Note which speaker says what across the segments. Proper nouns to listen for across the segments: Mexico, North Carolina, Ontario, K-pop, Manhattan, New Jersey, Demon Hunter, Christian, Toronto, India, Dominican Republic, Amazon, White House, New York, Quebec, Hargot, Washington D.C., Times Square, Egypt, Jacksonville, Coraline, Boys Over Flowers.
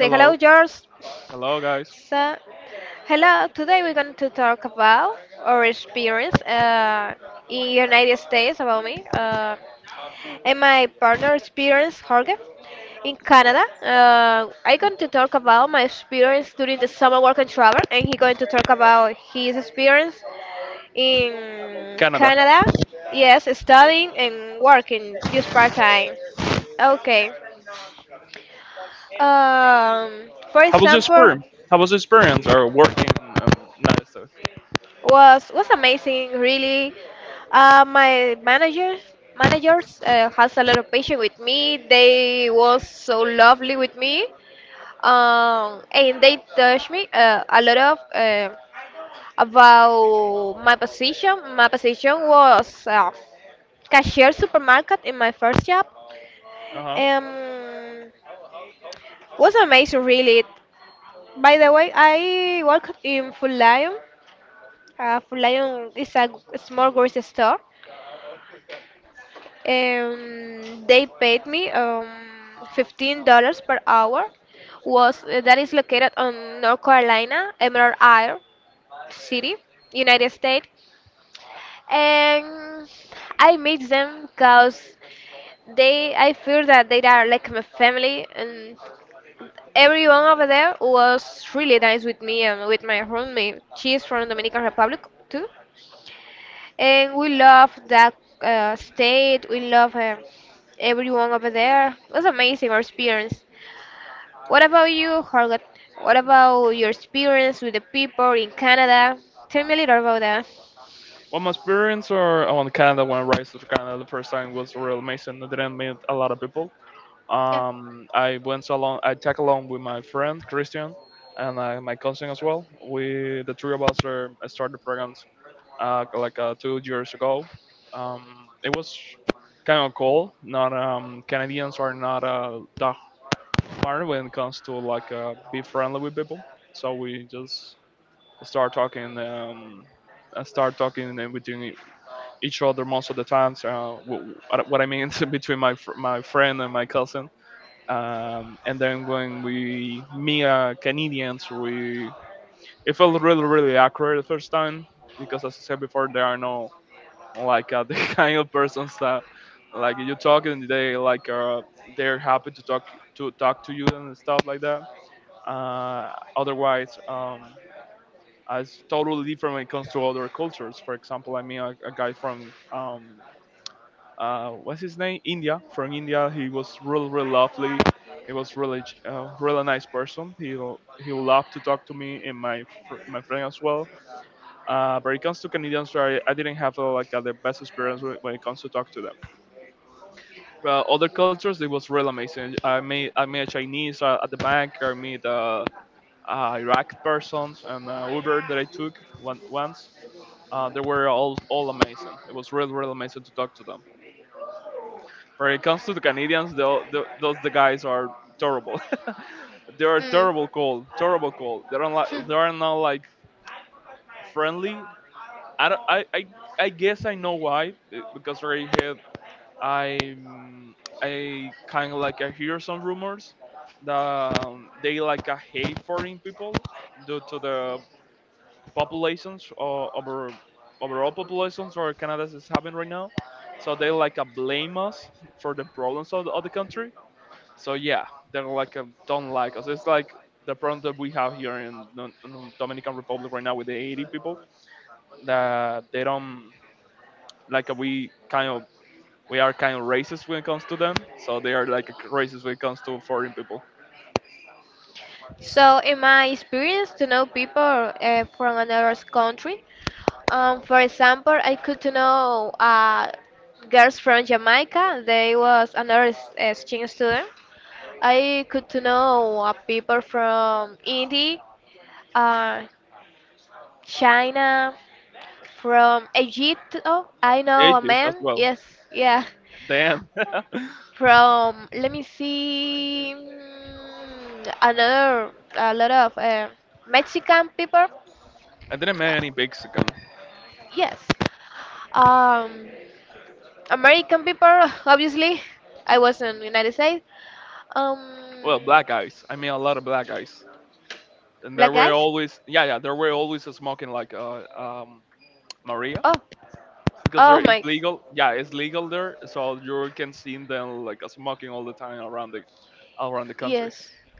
Speaker 1: Hello, hello, guys. Canada. How was your experience? How was your experience or working in United States? Uh huh. Well, my experience or on Canada when I arrived to Canada the first time was real amazing. I didn't meet a lot of people. I went along. I tag along with my friend Christian and my cousin as well. We the three of us are, started programs 2 years ago. Um, it was kind of cool. Not Canadians are not that hard when it comes to be friendly with people. So we just start talking. Start talking and between each other most of the times. What I mean between my friend and my cousin, and then when we meet Canadians, we it felt really really accurate the first time because, as I said before, there are no the kind of persons that like you talk and they they're happy to talk to you and stuff like that. Otherwise, it's totally different when it comes to other cultures. For example, I mean a guy from what's his name? India, from India. He was really really lovely. He was really nice person. He loved to talk to me and my friend as well. But it comes to Canadians, I didn't have the best experience when it comes to talk to them. Well, other cultures, it was really amazing. I made a Chinese at the bank. I made Iraq persons and Uber that I took once. They were all amazing. It was really really amazing to talk to them. When it comes to the Canadians, those the guys are terrible. They are terrible cold, terrible cold. They don't like, they are not like friendly. I don't, I guess I know why because right here I I kind of like I hear some rumors that they hate foreign people due to the populations or overall populations or Canada is having right now. So they blame us for the problems of of the country, so yeah, they're don't like us. It's like the problem that we have here in, in the Dominican Republic right now with the 80 people that they don't like uh, we kind of we are kind of racist when it comes to them. So they are like racist when it comes to foreign people, ages as well. Damn. I didn't meet any Mexican. Well, black guys. I mean a lot of black guys, and there were always, yeah, yeah, there were always smoking Maria because there is legal. Yeah, it's legal there, so you can see them smoking all the time around the country.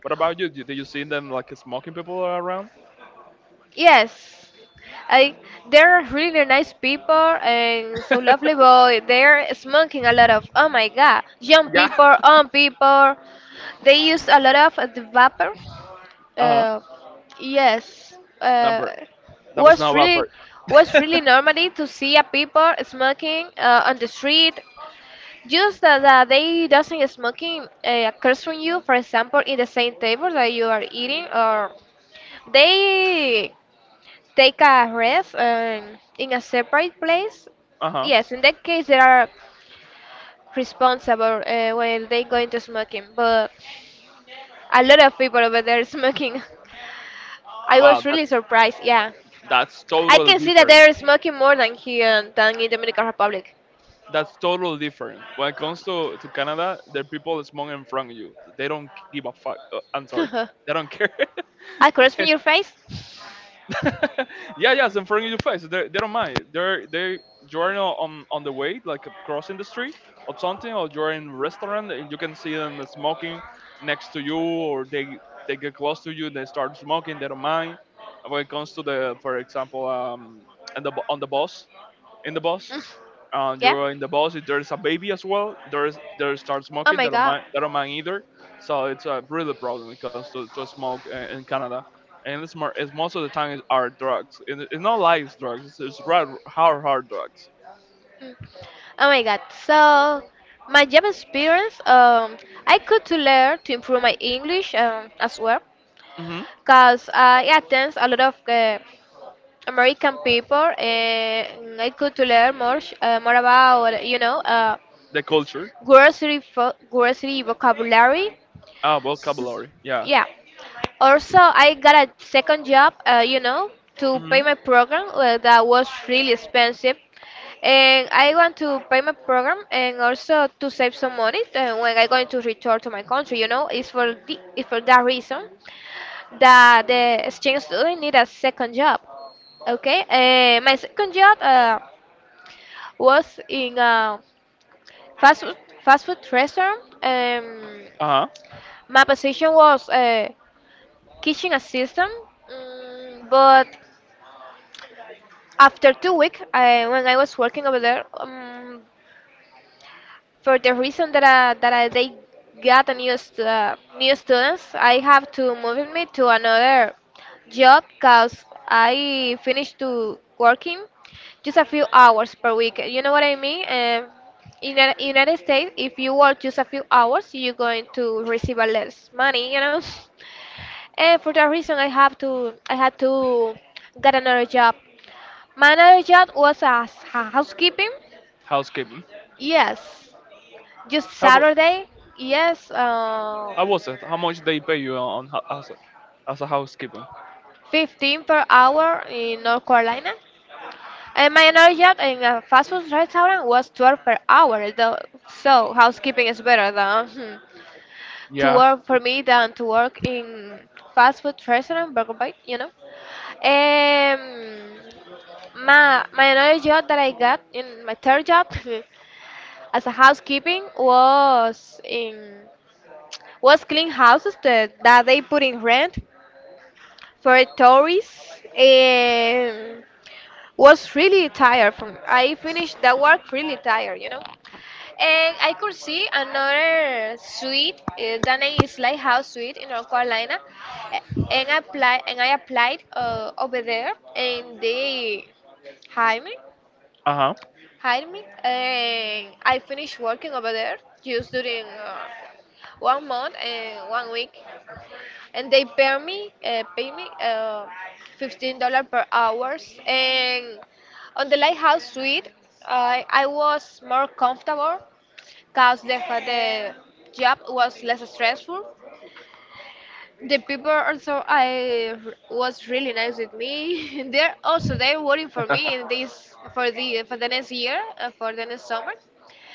Speaker 1: What about you? Do you see them like smoking people around? Yeah. Uh huh. Not bird. That was not about bird. Uh huh. Wow, that's totally different. That's totally different. When it comes to Canada, the people smoking in front of you, they don't give a fuck. I'm sorry. They don't care. Yeah, yeah, it's in front of your face. They don't mind. They're they You're on the way, like crossing the street or something, or you're in restaurant and you can see them smoking next to you, or they get close to you, they start smoking. They don't mind. When it comes to the, for example, on the bus, in the bus, you're in the bus. If there's a baby as well, there start smoking. They don't mind. They don't mind either. So it's a really problem when it comes to smoke in Canada. And it's more. It's most of the time it's our drugs. It's not light drugs. It's hard, hard, hard drugs. Hmm. The culture. Ah, vocabulary. Yeah. Hmm. Uh huh. Housekeeping. How about, how was it? How much they pay you on as a housekeeper? Yeah. Uh huh.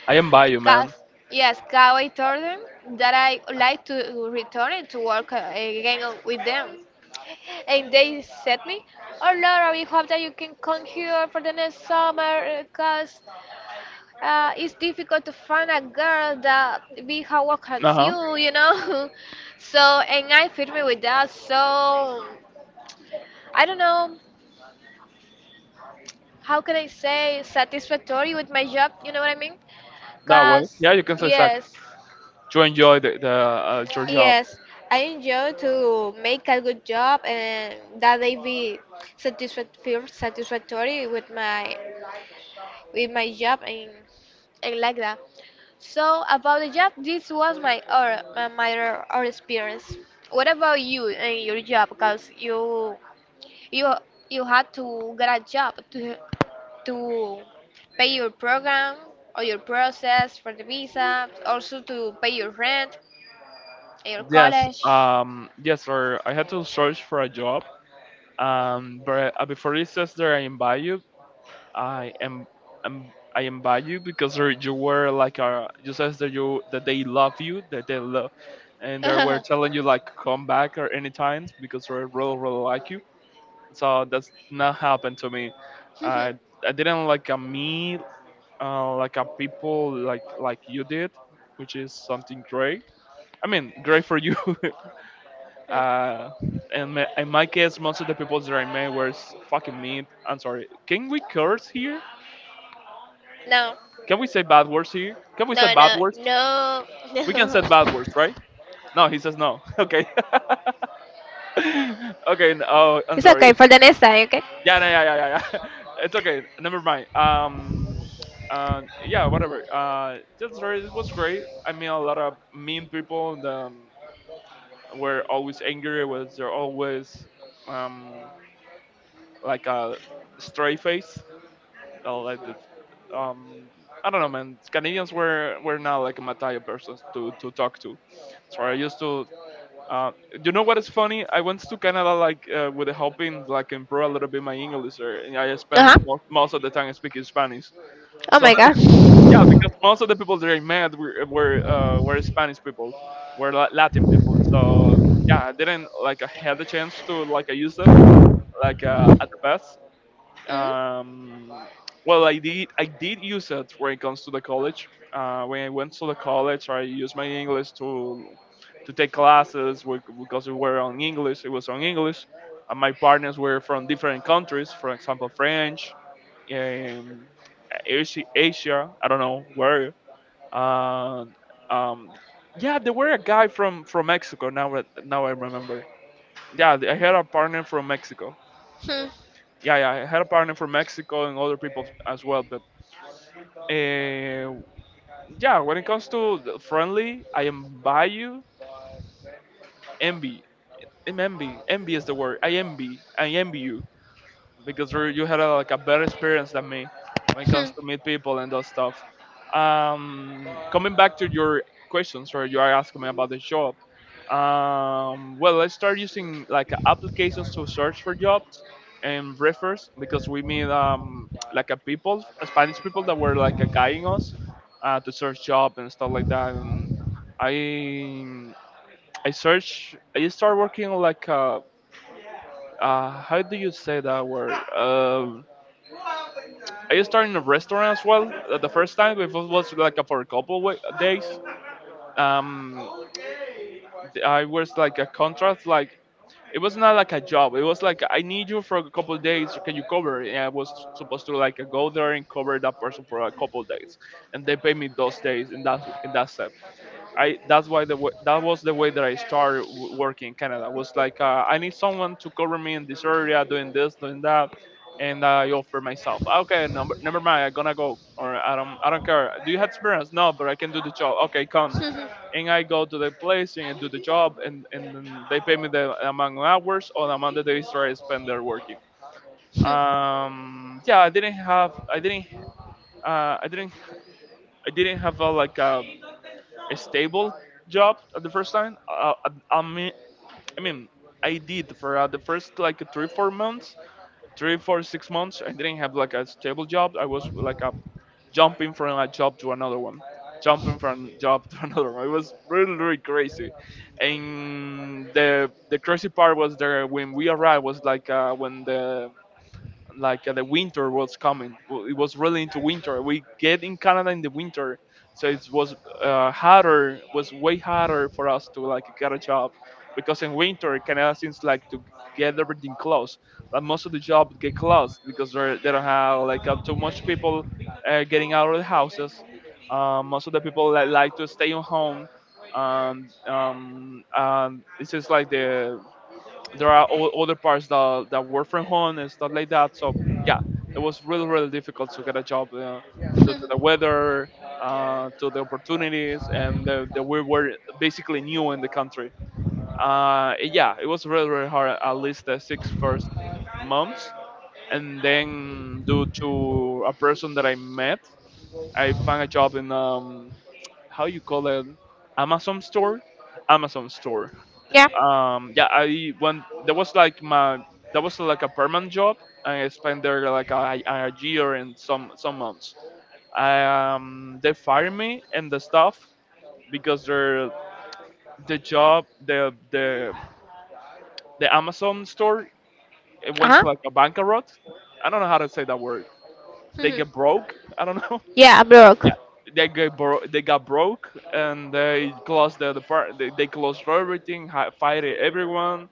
Speaker 1: I am by you, man. Uh huh. That way. Yeah, you can say exact to enjoy the your job. Yes, yes, sir. I had to search for a job. But before it says there, I invite you. I am I invite you because there, you were you says that you, that they love you, that they love, and they were telling you like come back or any times because they really really like you. So that's not happened to me. I I didn't like a me, like a people like you did, which is something great. I mean, great for you. Uh, in my case, most of the people that I met were fucking mean. I'm sorry. Can we curse here? Can we say bad words here? Can we say bad words? We can say bad words, right? No, he says no. Okay. Okay. Oh, I'm sorry. Yeah, no, yeah, yeah, yeah, yeah. It's okay. Never mind. Yeah, whatever. That's right. It was great. I met a lot of mean people in the were always angry. Was they're always um, like a stray face? That like I don't know, man. Canadians were not like Mataya persons to talk to. So I used to. Uh, you know what is funny? I went to Canada with the hoping like improve a little bit my English, or and I spend most of the time speaking Spanish. So yeah, because most of the people that I met were Spanish people, were Latin people. So yeah, I didn't like I had the chance to like I use it at the best. Um, well, I did use it when it comes to the college. When I went to the college, I used my English to take classes because we were on English. It was on English. And my partners were from different countries, for example, French, um, Asia, Asia. I don't know where, uh, um, yeah, there were a guy from Mexico. Now now I remember. Yeah, I had a partner from Mexico. Yeah, yeah, I had a partner from Mexico and other people as well. But uh, yeah, when it comes to the friendly, I am by you envy. I'm envy. Envy is the word. I envy you, because you had a, like a better experience than me when it comes to meet people and those stuff. Coming back to your questions where you are asking me about the job. Well, let's start using like applications to search for jobs and refers because we meet like a people Spanish people that were like guiding us to search job and stuff like that. And I I search I start working like a how do you say that word? Um, I just started in a restaurant as well. The first time it was like for a couple of days. Um, I was like a contract, like it was not like a job. It was like I need you for a couple of days. Can you cover? And I was supposed to like go there and cover that person for a couple of days, and they pay me those days, and that's it. I that's why the wa- That was the way that I started working in Canada. Was I need someone to cover me in this area, doing this, doing that, and I offer myself. Ah, okay, number never mind. I'm gonna go, or I don't care. Do you have experience? No, but I can do the job. Okay, come. And I go to the place and I do the job, and then they pay me the amount of hours or the amount of days that I spend there working. Yeah, I didn't have I didn't I didn't I didn't have a, like a stable job at the first time. I, I mean, I mean, I did for the first like three, 4 months, three, four, 6 months. I didn't have like a stable job. I was like a jumping from a job to another one, jumping from job to another one. It was really, really crazy. And the crazy part was there when we arrived was when the the winter was coming. It was really into winter. We get in Canada in the winter, so it was harder, was way harder for us to like get a job, because in winter Canada seems like to get everything closed. Like most of the jobs get closed because they don't have like too much people getting out of the houses. Most of the people that like to stay at home. This is like the there are other parts that work from home and stuff like that. So yeah, it was really really difficult to get a job due to the weather, to the opportunities, and the we were basically new in the country. Yeah, it was really really hard at least the six first months, and then due to a person that I met, I found a job in how you call it, Amazon store, Amazon store yeah I when that was like my that was like a permanent job and I spent there like a year and some months. They fired me and the staff because their the job the the Amazon store, it went to like a bankrupt. I don't know how to say that word. They get broke, I don't know. Yeah, they got broke and they closed they closed everything, fired everyone,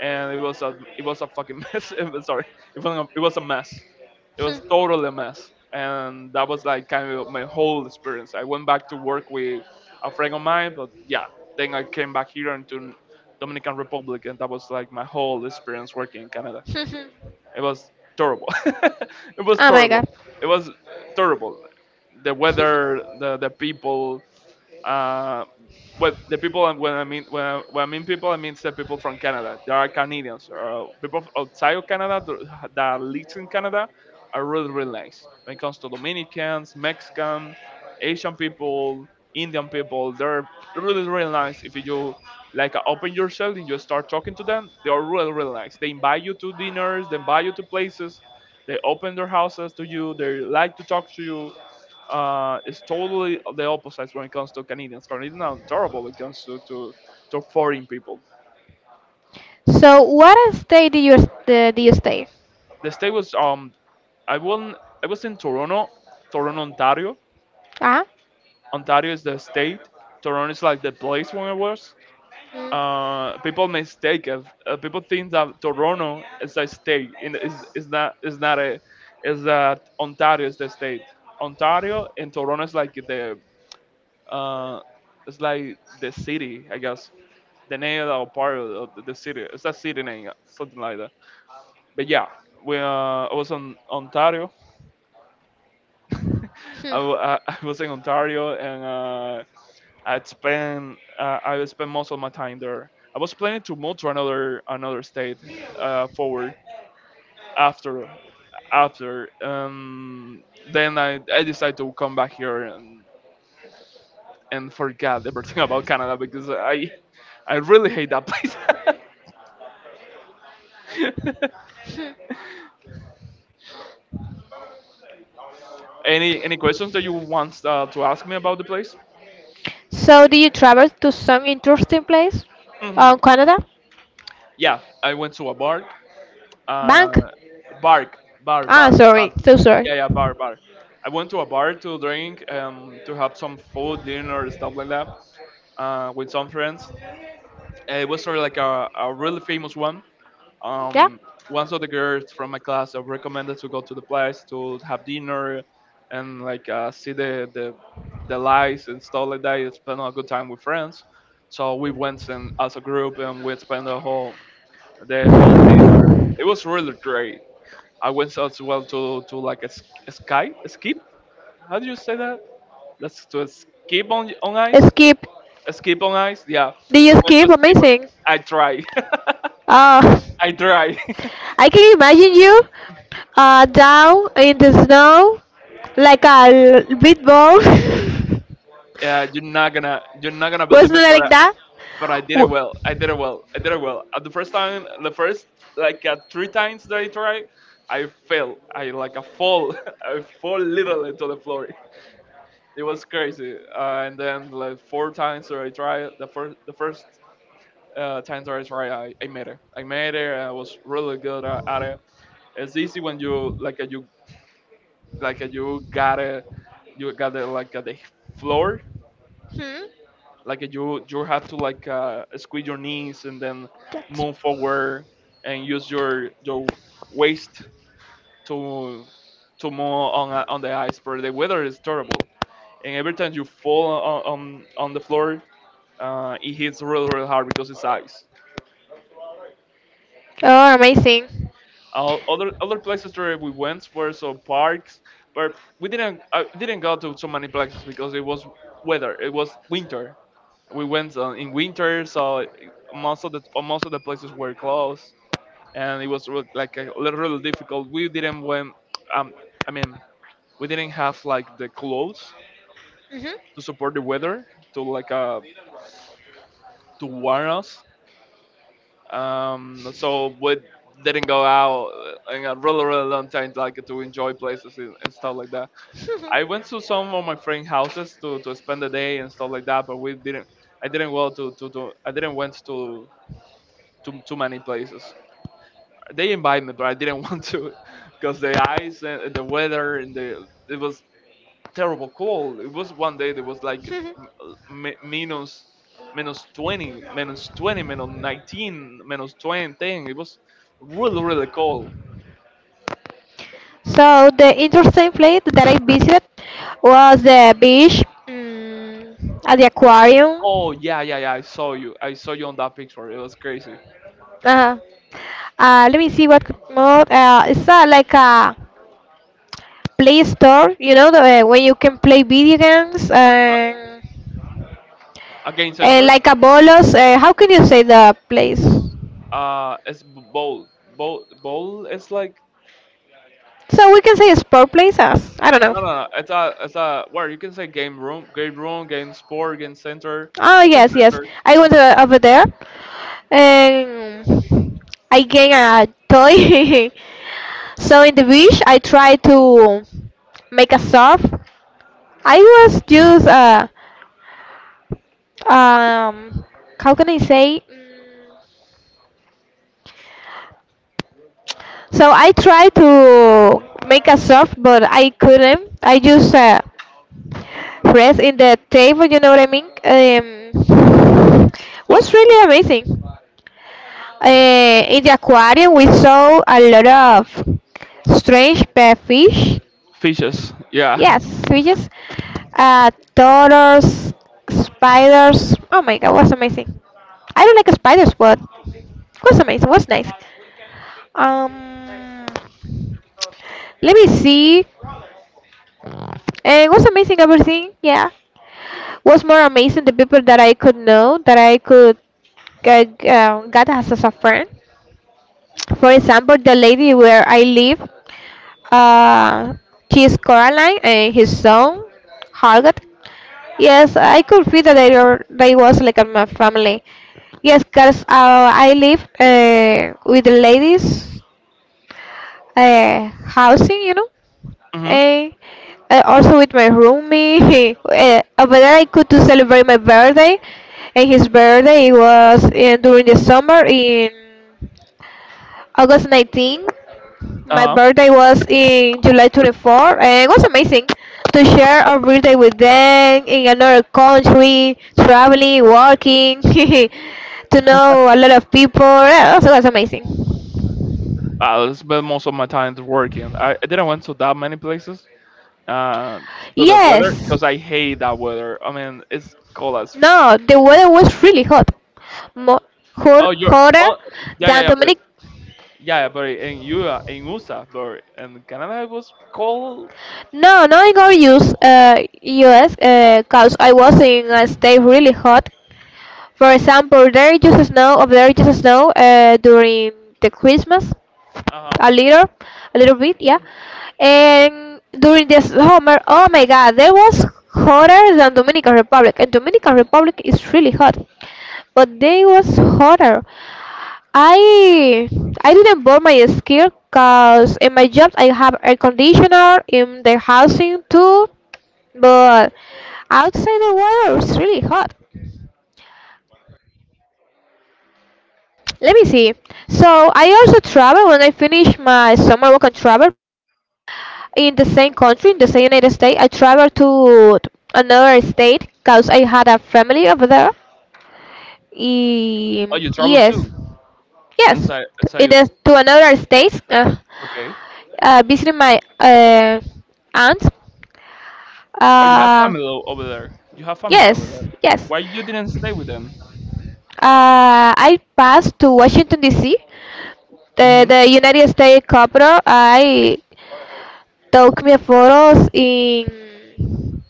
Speaker 1: and it was a fucking mess. Sorry, it was it was a mess. It was totally a mess, and that was like kind of my whole experience. I went back to work with a friend of mine, but yeah, then I came back here into Dominican Republic, and that was like my whole experience working in Canada. It was terrible. It was terrible. It was terrible. The weather, the people, uh, well, the people, and when I mean when I mean people, I mean the people from Canada. There are Canadians or people outside of Canada that lives in Canada are really really nice. When it comes to Dominicans, Mexican, Asian people, Indian people, they're really really nice. If you like open yourself and you start talking to them, they are really really nice. They invite you to dinners, they invite you to places, they open their houses to you, they like to talk to you. Uh, is totally the opposite when it comes to Canadians. Canadians are terrible when it comes to foreign people. The state was I won I was in Toronto, Toronto, Ontario. Ontario is the state. Toronto is like the place where I was. People mistake it. People think that Toronto is a state. And Is not, is not a, is that Ontario is the state. Ontario and Toronto is like the uh, it's like the city, I guess. The name of part of the city. It's a city name, something like that. But yeah, we I was in Ontario. I was in Ontario, and I spent most of my time there. I was planning to move to another state forward after after then I decided to come back here and forget everything about Canada because I really hate that place. Any questions that you want to ask me about the place? Hmm. Yeah, I went to a bar. Uh, bar, bar, bar, bar. Yeah, yeah, bar, bar. I went to a bar to drink, to have some food, dinner, stuff like that, with some friends. It was sort of like a really famous one. Um, once of the girls from my class are recommended to go to the place to have dinner and like see the lights and stuff like that. And spend a good time with friends. So we went and as a group and we spent the whole day there. It was really great. I went as well to like a, sk- a sky a skip. How do you say that? That's to skip on ice.
Speaker 2: Escape.
Speaker 1: A skip on ice. Yeah,
Speaker 2: They
Speaker 1: we went
Speaker 2: escape.
Speaker 1: to skip.
Speaker 2: Amazing.
Speaker 1: I try.
Speaker 2: Uh,
Speaker 1: I try.
Speaker 2: I can imagine you down in the snow like a big ball.
Speaker 1: Yeah, you're not gonna believe
Speaker 2: Wasn't
Speaker 1: me,
Speaker 2: it like that?
Speaker 1: but I did it
Speaker 2: W-
Speaker 1: well. I did it well. I did it well. At the first time, the first like three times that I tried, I fell. I like a fall. I fall literally to the floor. It was crazy. And then like four times that I tried, the first time that I tried, I made it. I made it. I was really good at it. It's easy when you like you like you got it. You got it like at the floor, like you have to like squeeze your knees and then move forward and use your waist to to move on on the ice. But the weather is terrible, and every time you fall on the floor, it hits really really hard because it's ice. Other other places where we went were some parks, but we didn't I didn't go to so many places because it was weather. It was winter, we went in winter, so most of the places were closed, and it was like a little, little difficult. We didn't went, um, I mean, we didn't have like the clothes to support the weather to like to warm us. So we didn't go out in a really really long time like to enjoy places and stuff like that. I went to some of my friend houses to spend the day and stuff like that, but we didn't. I didn't go to I didn't went to too many places. They invited me, but I didn't want to because the ice and the weather and the it was terrible cold. It was one day that was like uh, minus 20, minus 19, minus 20. It was really really cold.
Speaker 2: So the interesting place that I visited was the beach, mm, at the
Speaker 1: Oh
Speaker 2: aquarium.
Speaker 1: yeah yeah yeah. I saw you. I saw you on that picture. It was crazy.
Speaker 2: Uh, Let me see what could more. It's like a Play Store, you know, where you can play video games.
Speaker 1: Uh,
Speaker 2: And.
Speaker 1: again center.
Speaker 2: Like Abolos, how can you say the place? So
Speaker 1: It's bowl. Bowl, bowl. It's like
Speaker 2: we can say sport place as I don't know.
Speaker 1: no, no, no. It's a where you can say game room, game room, game sport,
Speaker 2: Oh
Speaker 1: game
Speaker 2: yes, yes.
Speaker 1: center,
Speaker 2: I went
Speaker 1: something like
Speaker 2: over there and I gained a toy. So in the beach, I tried to make a surf. I was just um how can I say? So I tried to make a surf, but I couldn't. I just rest in the table, you know what I mean?
Speaker 1: sub
Speaker 2: Was really amazing. In the aquarium, we saw a lot of strange pet fish.
Speaker 1: fishes. Yeah.
Speaker 2: Yes, we just turtles, spiders. Oh my God, was amazing. I don't like spiders, but it was amazing. Was nice. Um, Let me see. And it was amazing everything. Yeah, was more amazing the people that I could know, that I could God has a friend. For example, the lady where I live, uh, she is Coraline and his son, Hargot. Yes, I could feel that they, were, they was like a my family. Yes, because I live with the ladies housing, you know,
Speaker 1: Mhm.
Speaker 2: and also with my roomie. Over there, I could to celebrate my birthday, and his birthday was during the summer in August 19. My
Speaker 1: Uh huh.
Speaker 2: birthday was in July 24, and it was amazing to share our birthday with them in another country, traveling, working, to know a lot of people. That also was amazing.
Speaker 1: I spent most of my time working. I didn't went to that many places. Uh, to the weather
Speaker 2: Yes.
Speaker 1: because I hate that weather. I mean, it's cold as.
Speaker 2: No, the weather was really hot. More hot,
Speaker 1: Oh, you're.
Speaker 2: hotter
Speaker 1: Oh, yeah, yeah,
Speaker 2: than
Speaker 1: yeah, but.
Speaker 2: Dominic.
Speaker 1: Yeah, yeah, but in you in USA, but in Canada it was cold.
Speaker 2: No, not in our use US, because I was in a state really hot. For example, there is just snow, or there is just snow during the Christmas,
Speaker 1: Uh-huh.
Speaker 2: a little, a little bit, yeah. And during the summer, oh my God, that was hotter than Dominican Republic, and Dominican Republic is really hot, but they was hotter. I I didn't burn my skin because in my job I have air conditioner in the housing too, but outside the water it's really hot. Let me see. So I also travel when I finish my summer work and travel in the same country, in the same United States. I travel to another state because I had a family over there.
Speaker 1: Oh, you travel
Speaker 2: Yes,
Speaker 1: too
Speaker 2: yes,
Speaker 1: inside. Inside
Speaker 2: in
Speaker 1: you.
Speaker 2: to another state,
Speaker 1: Okay.
Speaker 2: visiting my aunt.
Speaker 1: Oh, you have
Speaker 2: Uh,
Speaker 1: family over there. You have family over
Speaker 2: yes,
Speaker 1: there.
Speaker 2: yes.
Speaker 1: Why you didn't stay with them?
Speaker 2: I passed to Washington D.C.,
Speaker 1: Mhm.
Speaker 2: the United States capital. I took me photos in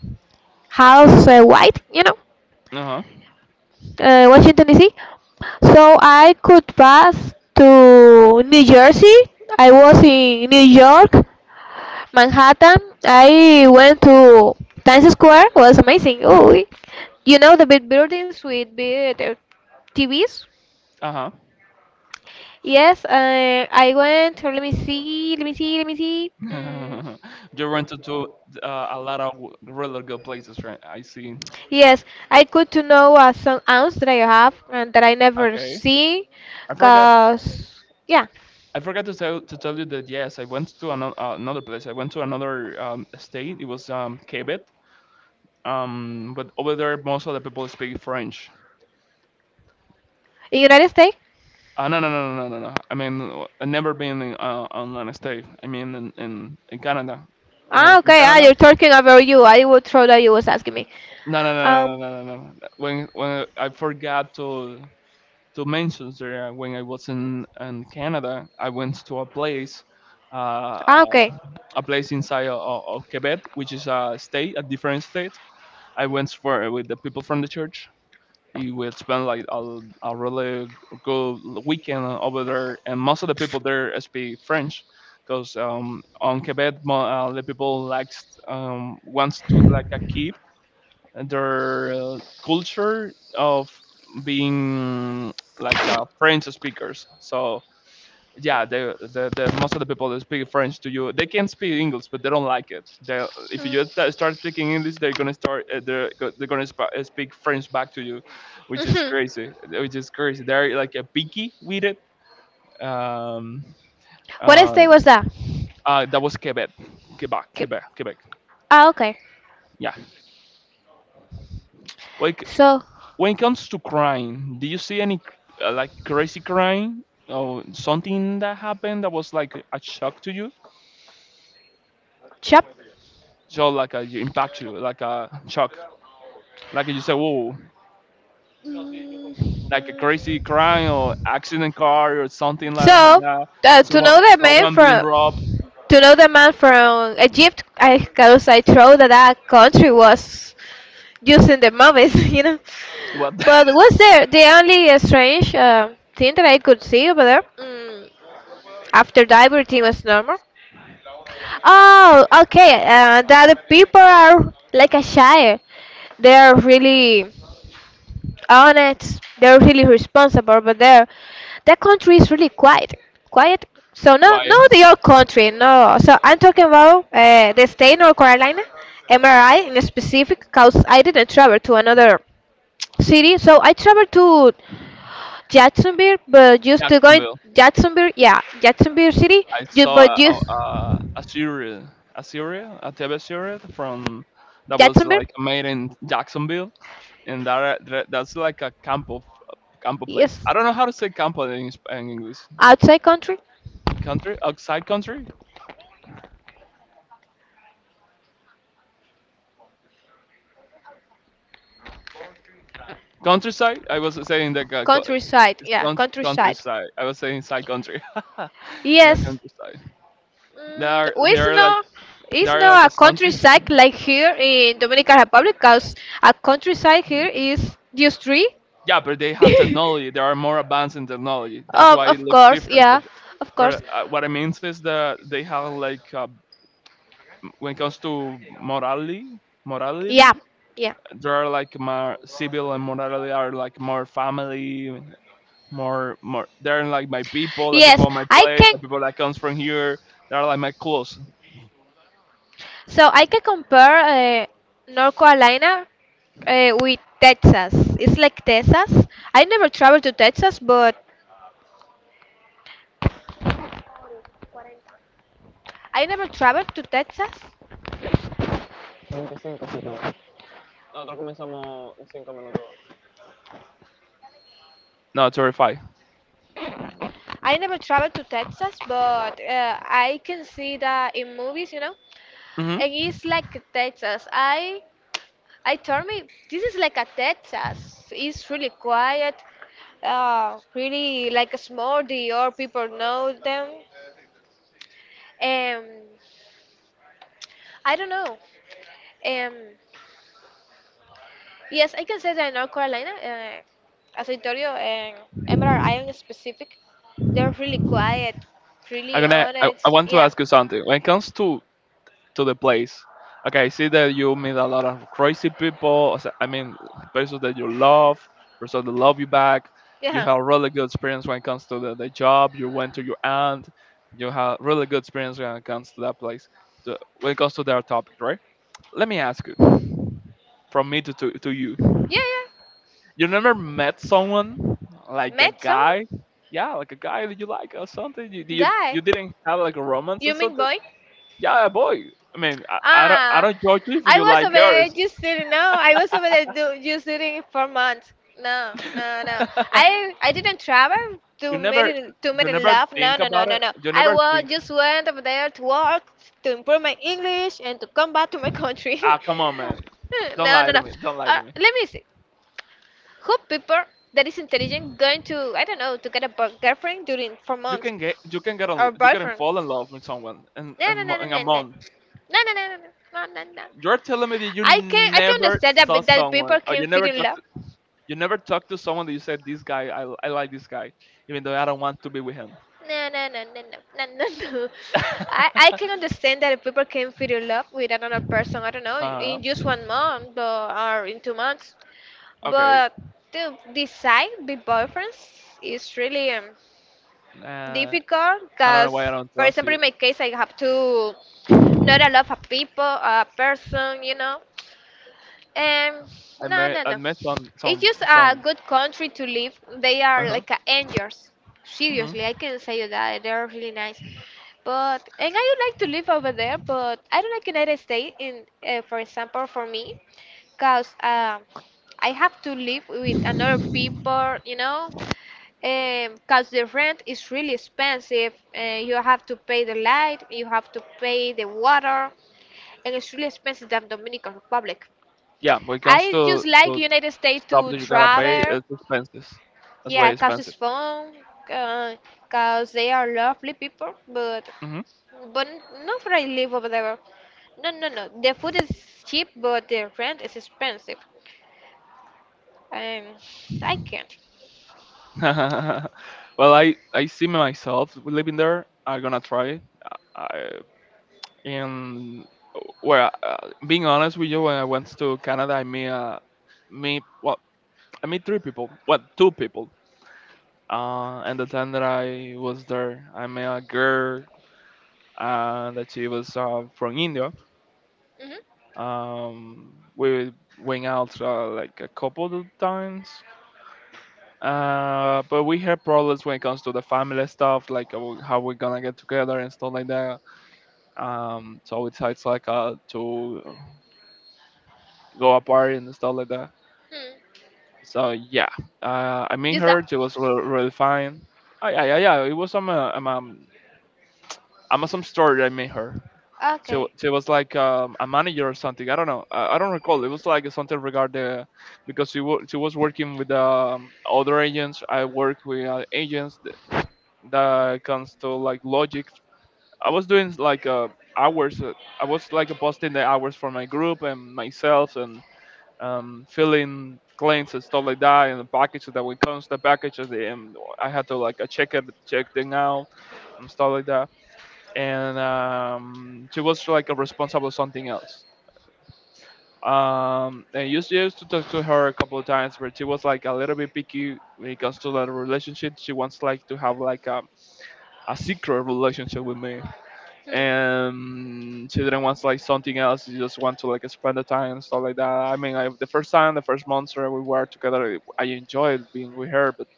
Speaker 2: House White, you know,
Speaker 1: Uh huh.
Speaker 2: Washington D.C. So I could pass to New Jersey. I was in New York, Manhattan. I went to Times Square. Was amazing. You know,
Speaker 1: Uh huh. You rented to a lot of really good places, right? I see.
Speaker 2: yes, I could to know some aunts that I have and that I never
Speaker 1: Okay.
Speaker 2: see,
Speaker 1: I forgot.
Speaker 2: cause yeah,
Speaker 1: I forgot to tell you that yes, I went to another another place. I went to another state. It was Quebec. But over there, most of the people speak French.
Speaker 2: in United States.
Speaker 1: No, no, no, no, no, no, no. I mean, I never been in, on an state. I mean, in Canada. When I was in Canada. No, no, no, no, no, no, no, no. When I forgot to mention there, when I was in Canada, I went to uh, a place inside of Quebec, which is a state, a different state. I went for with the people from the church. We will spend like a really good weekend over there, and most of the people there speak French, because on Quebec, the people likes wants to like a keep their culture of being like French speakers. So yeah, the most of the people that speak French to you, they can speak English, but they don't like it. They, if you just start speaking English, they're gonna start they're gonna speak French back to you, which is crazy. Which is crazy. They're like a picky with it. Um, uh, that was Quebec, Quebec. Yeah. Like. When it comes to crime, do you see any like crazy crime or something that happened that was like a shock to you? So like a, you impact you like a shock, like you say, whoa, like a crazy crime or accident car or something like
Speaker 2: So
Speaker 1: that.
Speaker 2: uh, to
Speaker 1: Someone
Speaker 2: know the man
Speaker 1: Someone being
Speaker 2: from
Speaker 1: robbed.
Speaker 2: To know the man from Egypt, I because I thought that that country was using the movies, you know.
Speaker 1: What?
Speaker 2: But was there the only strange thing that I could see over there? After that, everything was normal. Oh, okay. That the people are like a shy. They are really honest. They're really responsible, but they're that country is really quiet. Quiet. So no, no,
Speaker 1: Quiet.
Speaker 2: your country, no. So I'm talking about the state North Carolina, MRI in specific, cause I didn't travel to another city. So I traveled to Jacksonville, but just to go in
Speaker 1: Jacksonville.
Speaker 2: Jacksonville, yeah, Jacksonville City,
Speaker 1: I saw
Speaker 2: but just
Speaker 1: a, a series, a TV series from that was
Speaker 2: Jacksonville,
Speaker 1: like made in Jacksonville, and that's like a campo place.
Speaker 2: yes,
Speaker 1: I don't know how to say campo in, in English.
Speaker 2: outside country.
Speaker 1: Country, outside country, countryside. I was saying that it's countryside. I was saying side country. Yeah, countryside. They are they are like they are like a country. Yeah, but they have technology. They are more advanced in technology. That's why it looks different. But what I mean is that they have like when it comes to morality, morality, they're like my civil and morality are like more family, more. They're like my people, the people of my place, the people that comes from here. They're like my close. 25 segundos. Nosotros comenzamos en 5 minutos. No, 35. Mm-hmm. I'm gonna. I want to ask you something. When it comes to the place. Okay, I see that you meet a lot of crazy people, I mean, persons that you love, persons that love you back. You have really good experience when it comes to the job. You went to your aunt. You have really good experience when it comes to that place. When it comes to their topic, right? Let me ask you, from me to you. You never met someone like a guy? Yeah, like a guy that you like or something. You didn't have like a romance or something. Yeah, boy. I mean, I don't judge you if you like girls. You never you never think about it. You never think. Ah, come on, man. Don't lie to me. Don't lie to me. You can get on you can fall in love with someone in a month. You're telling me that you never saw someone or you never talked to someone that you said this guy. I like this guy even though I don't want to be with him. uh okay. Uh, I don't know why I don't trust you. I met some. Uh-huh. Hmm. Yeah, when it comes to stuff that you gotta pay, it's expenses. That's way expensive. Hmm. Well, I see myself living there. I'm gonna try it. I, and well, being honest with you, when I went to Canada, I met me well, I met three people. What, two people? And the time that I was there, I met a girl, that she was from India. We went out like a couple of times, but we had problems when it comes to the family stuff, like how we're gonna get together and stuff like that. So we decided like to go apart and stuff like that. So yeah, I met her. She was really fine. Yeah, yeah, yeah. It was some Amazon store that I met her. So it was like a manager or something. I don't know. I don't recall. It was like something regarding because she was working with other agents. I work with agents that comes to like logic. I was doing like hours. I was like posting the hours for my group and myself, and filling claims and stuff like that, and the packages that when comes the packages. I had to like check it, check them out and stuff like that, and she was like a responsible something else. And used to talk to her a couple of times, but she was like a little bit picky when it comes to that relationship. She wants like to have like a secret relationship with me, and she didn't want like something else. She just want to like spend the time and stuff like that. I mean, the first time, the first months that we were together, I enjoyed being with her, but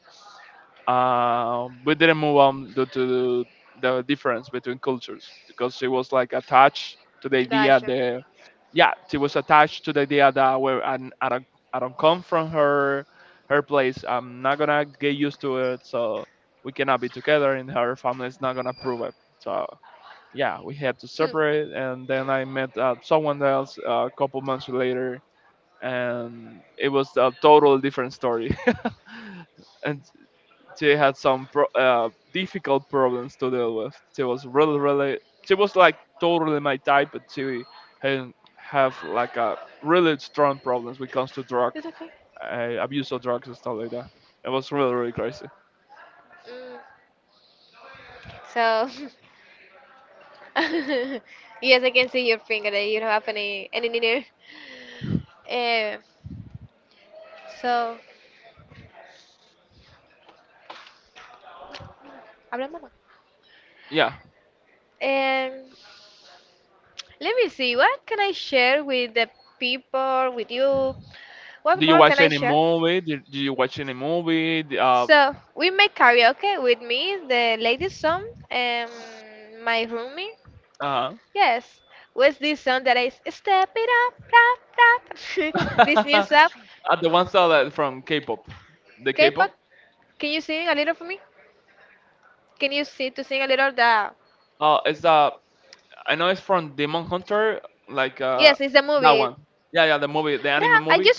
Speaker 1: we didn't move on due to the difference between cultures, because she was like attached to the idea that, yeah, she was attached to the idea that where I don't come from her place, I'm not gonna get used to it, so we cannot be together, and her family is not gonna approve it. So yeah, we had to separate, and then I met someone else a couple months later, and it was a total different story. And she had some difficult problems to deal with. She was really, really. She was like totally my type, but she had have like a really strong problems when it comes to drug, abuse of drugs and stuff like that. It was really, really crazy. Yeah. Do you watch any movie? Did you watch any movie? Uh, uh, the ones that are from K-pop. The K-pop. It's I know it's from Demon Hunter, like that one. Yeah, yeah, the movie, the anime movie,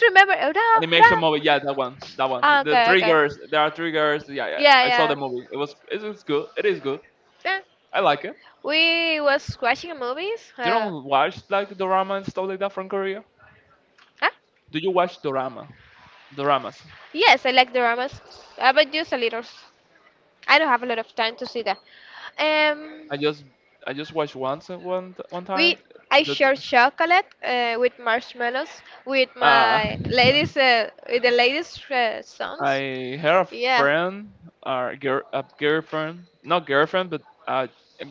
Speaker 1: animation movie. Yeah, that one, that one. The triggers, there are triggers. Yeah, yeah, yeah. I saw the movie. It is good. It is good. I like it. You don't watch like drama and stuff like that from Korea. Do you watch drama? Doramas. I just, I just watched once at one time. That, uh, I had a friend, or girl, a girlfriend, not girlfriend, but uh, a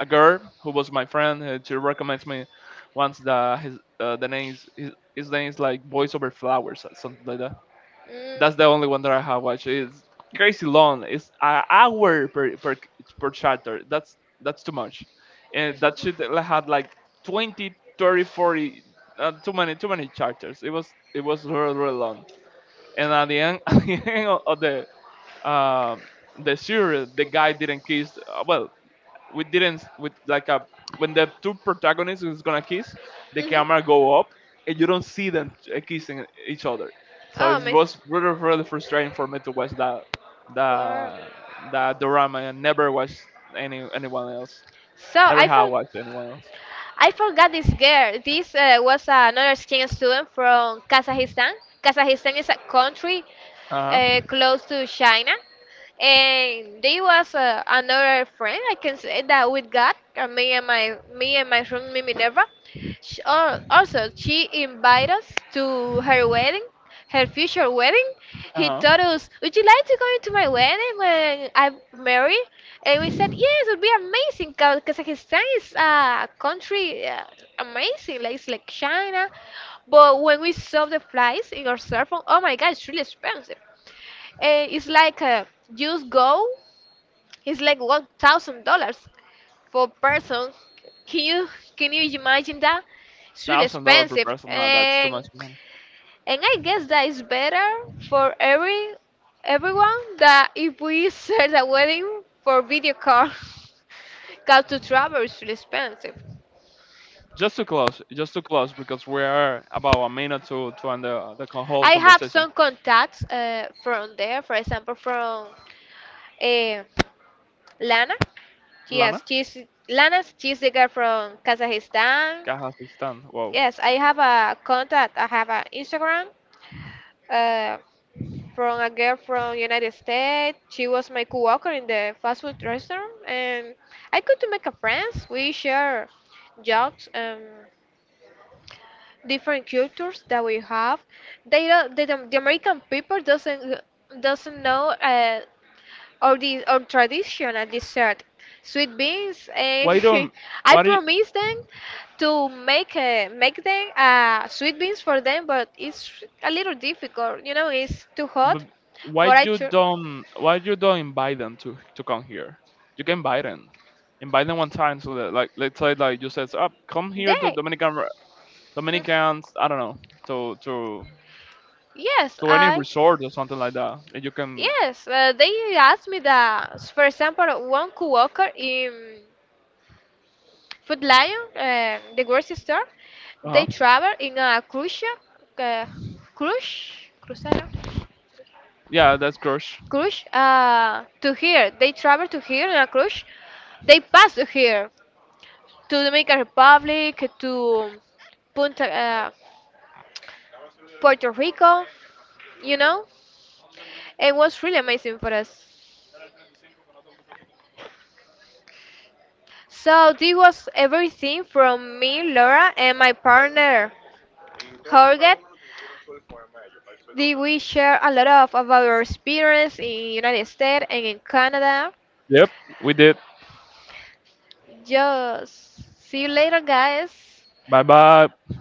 Speaker 1: a girl who was my friend. She recommends me once, the name is his name is like Boys Over Flowers or something like that. That's the only one that I have watched. It's crazy long. It's an hour per chapter. That's too much, and that should have had like 20, 30, 40. Too many, too many chapters. It was really really long. And at the end, at the end of um the series, the guy didn't kiss. Well, we didn't with like a, when the two protagonists is gonna kiss, the camera go up, and you don't see them kissing each other. So it was really really frustrating for me to watch that that drama and never watch anyone else. Never have watched anyone else. Uh huh. Uh huh. $1,000 per person. No, that's too much money. Just to close, because we are about a minute to end whole conversation. Lana, Kazakhstan. Wow. Why don't why do But why you don't invite them to come here? You can invite them. Invite them one time so that like let's say like you says, oh, come here to Dominicans, I don't know, to to to any resort or something like that. And you can. Uh huh. Yeah, that's crush. Yep, we did. Bye bye.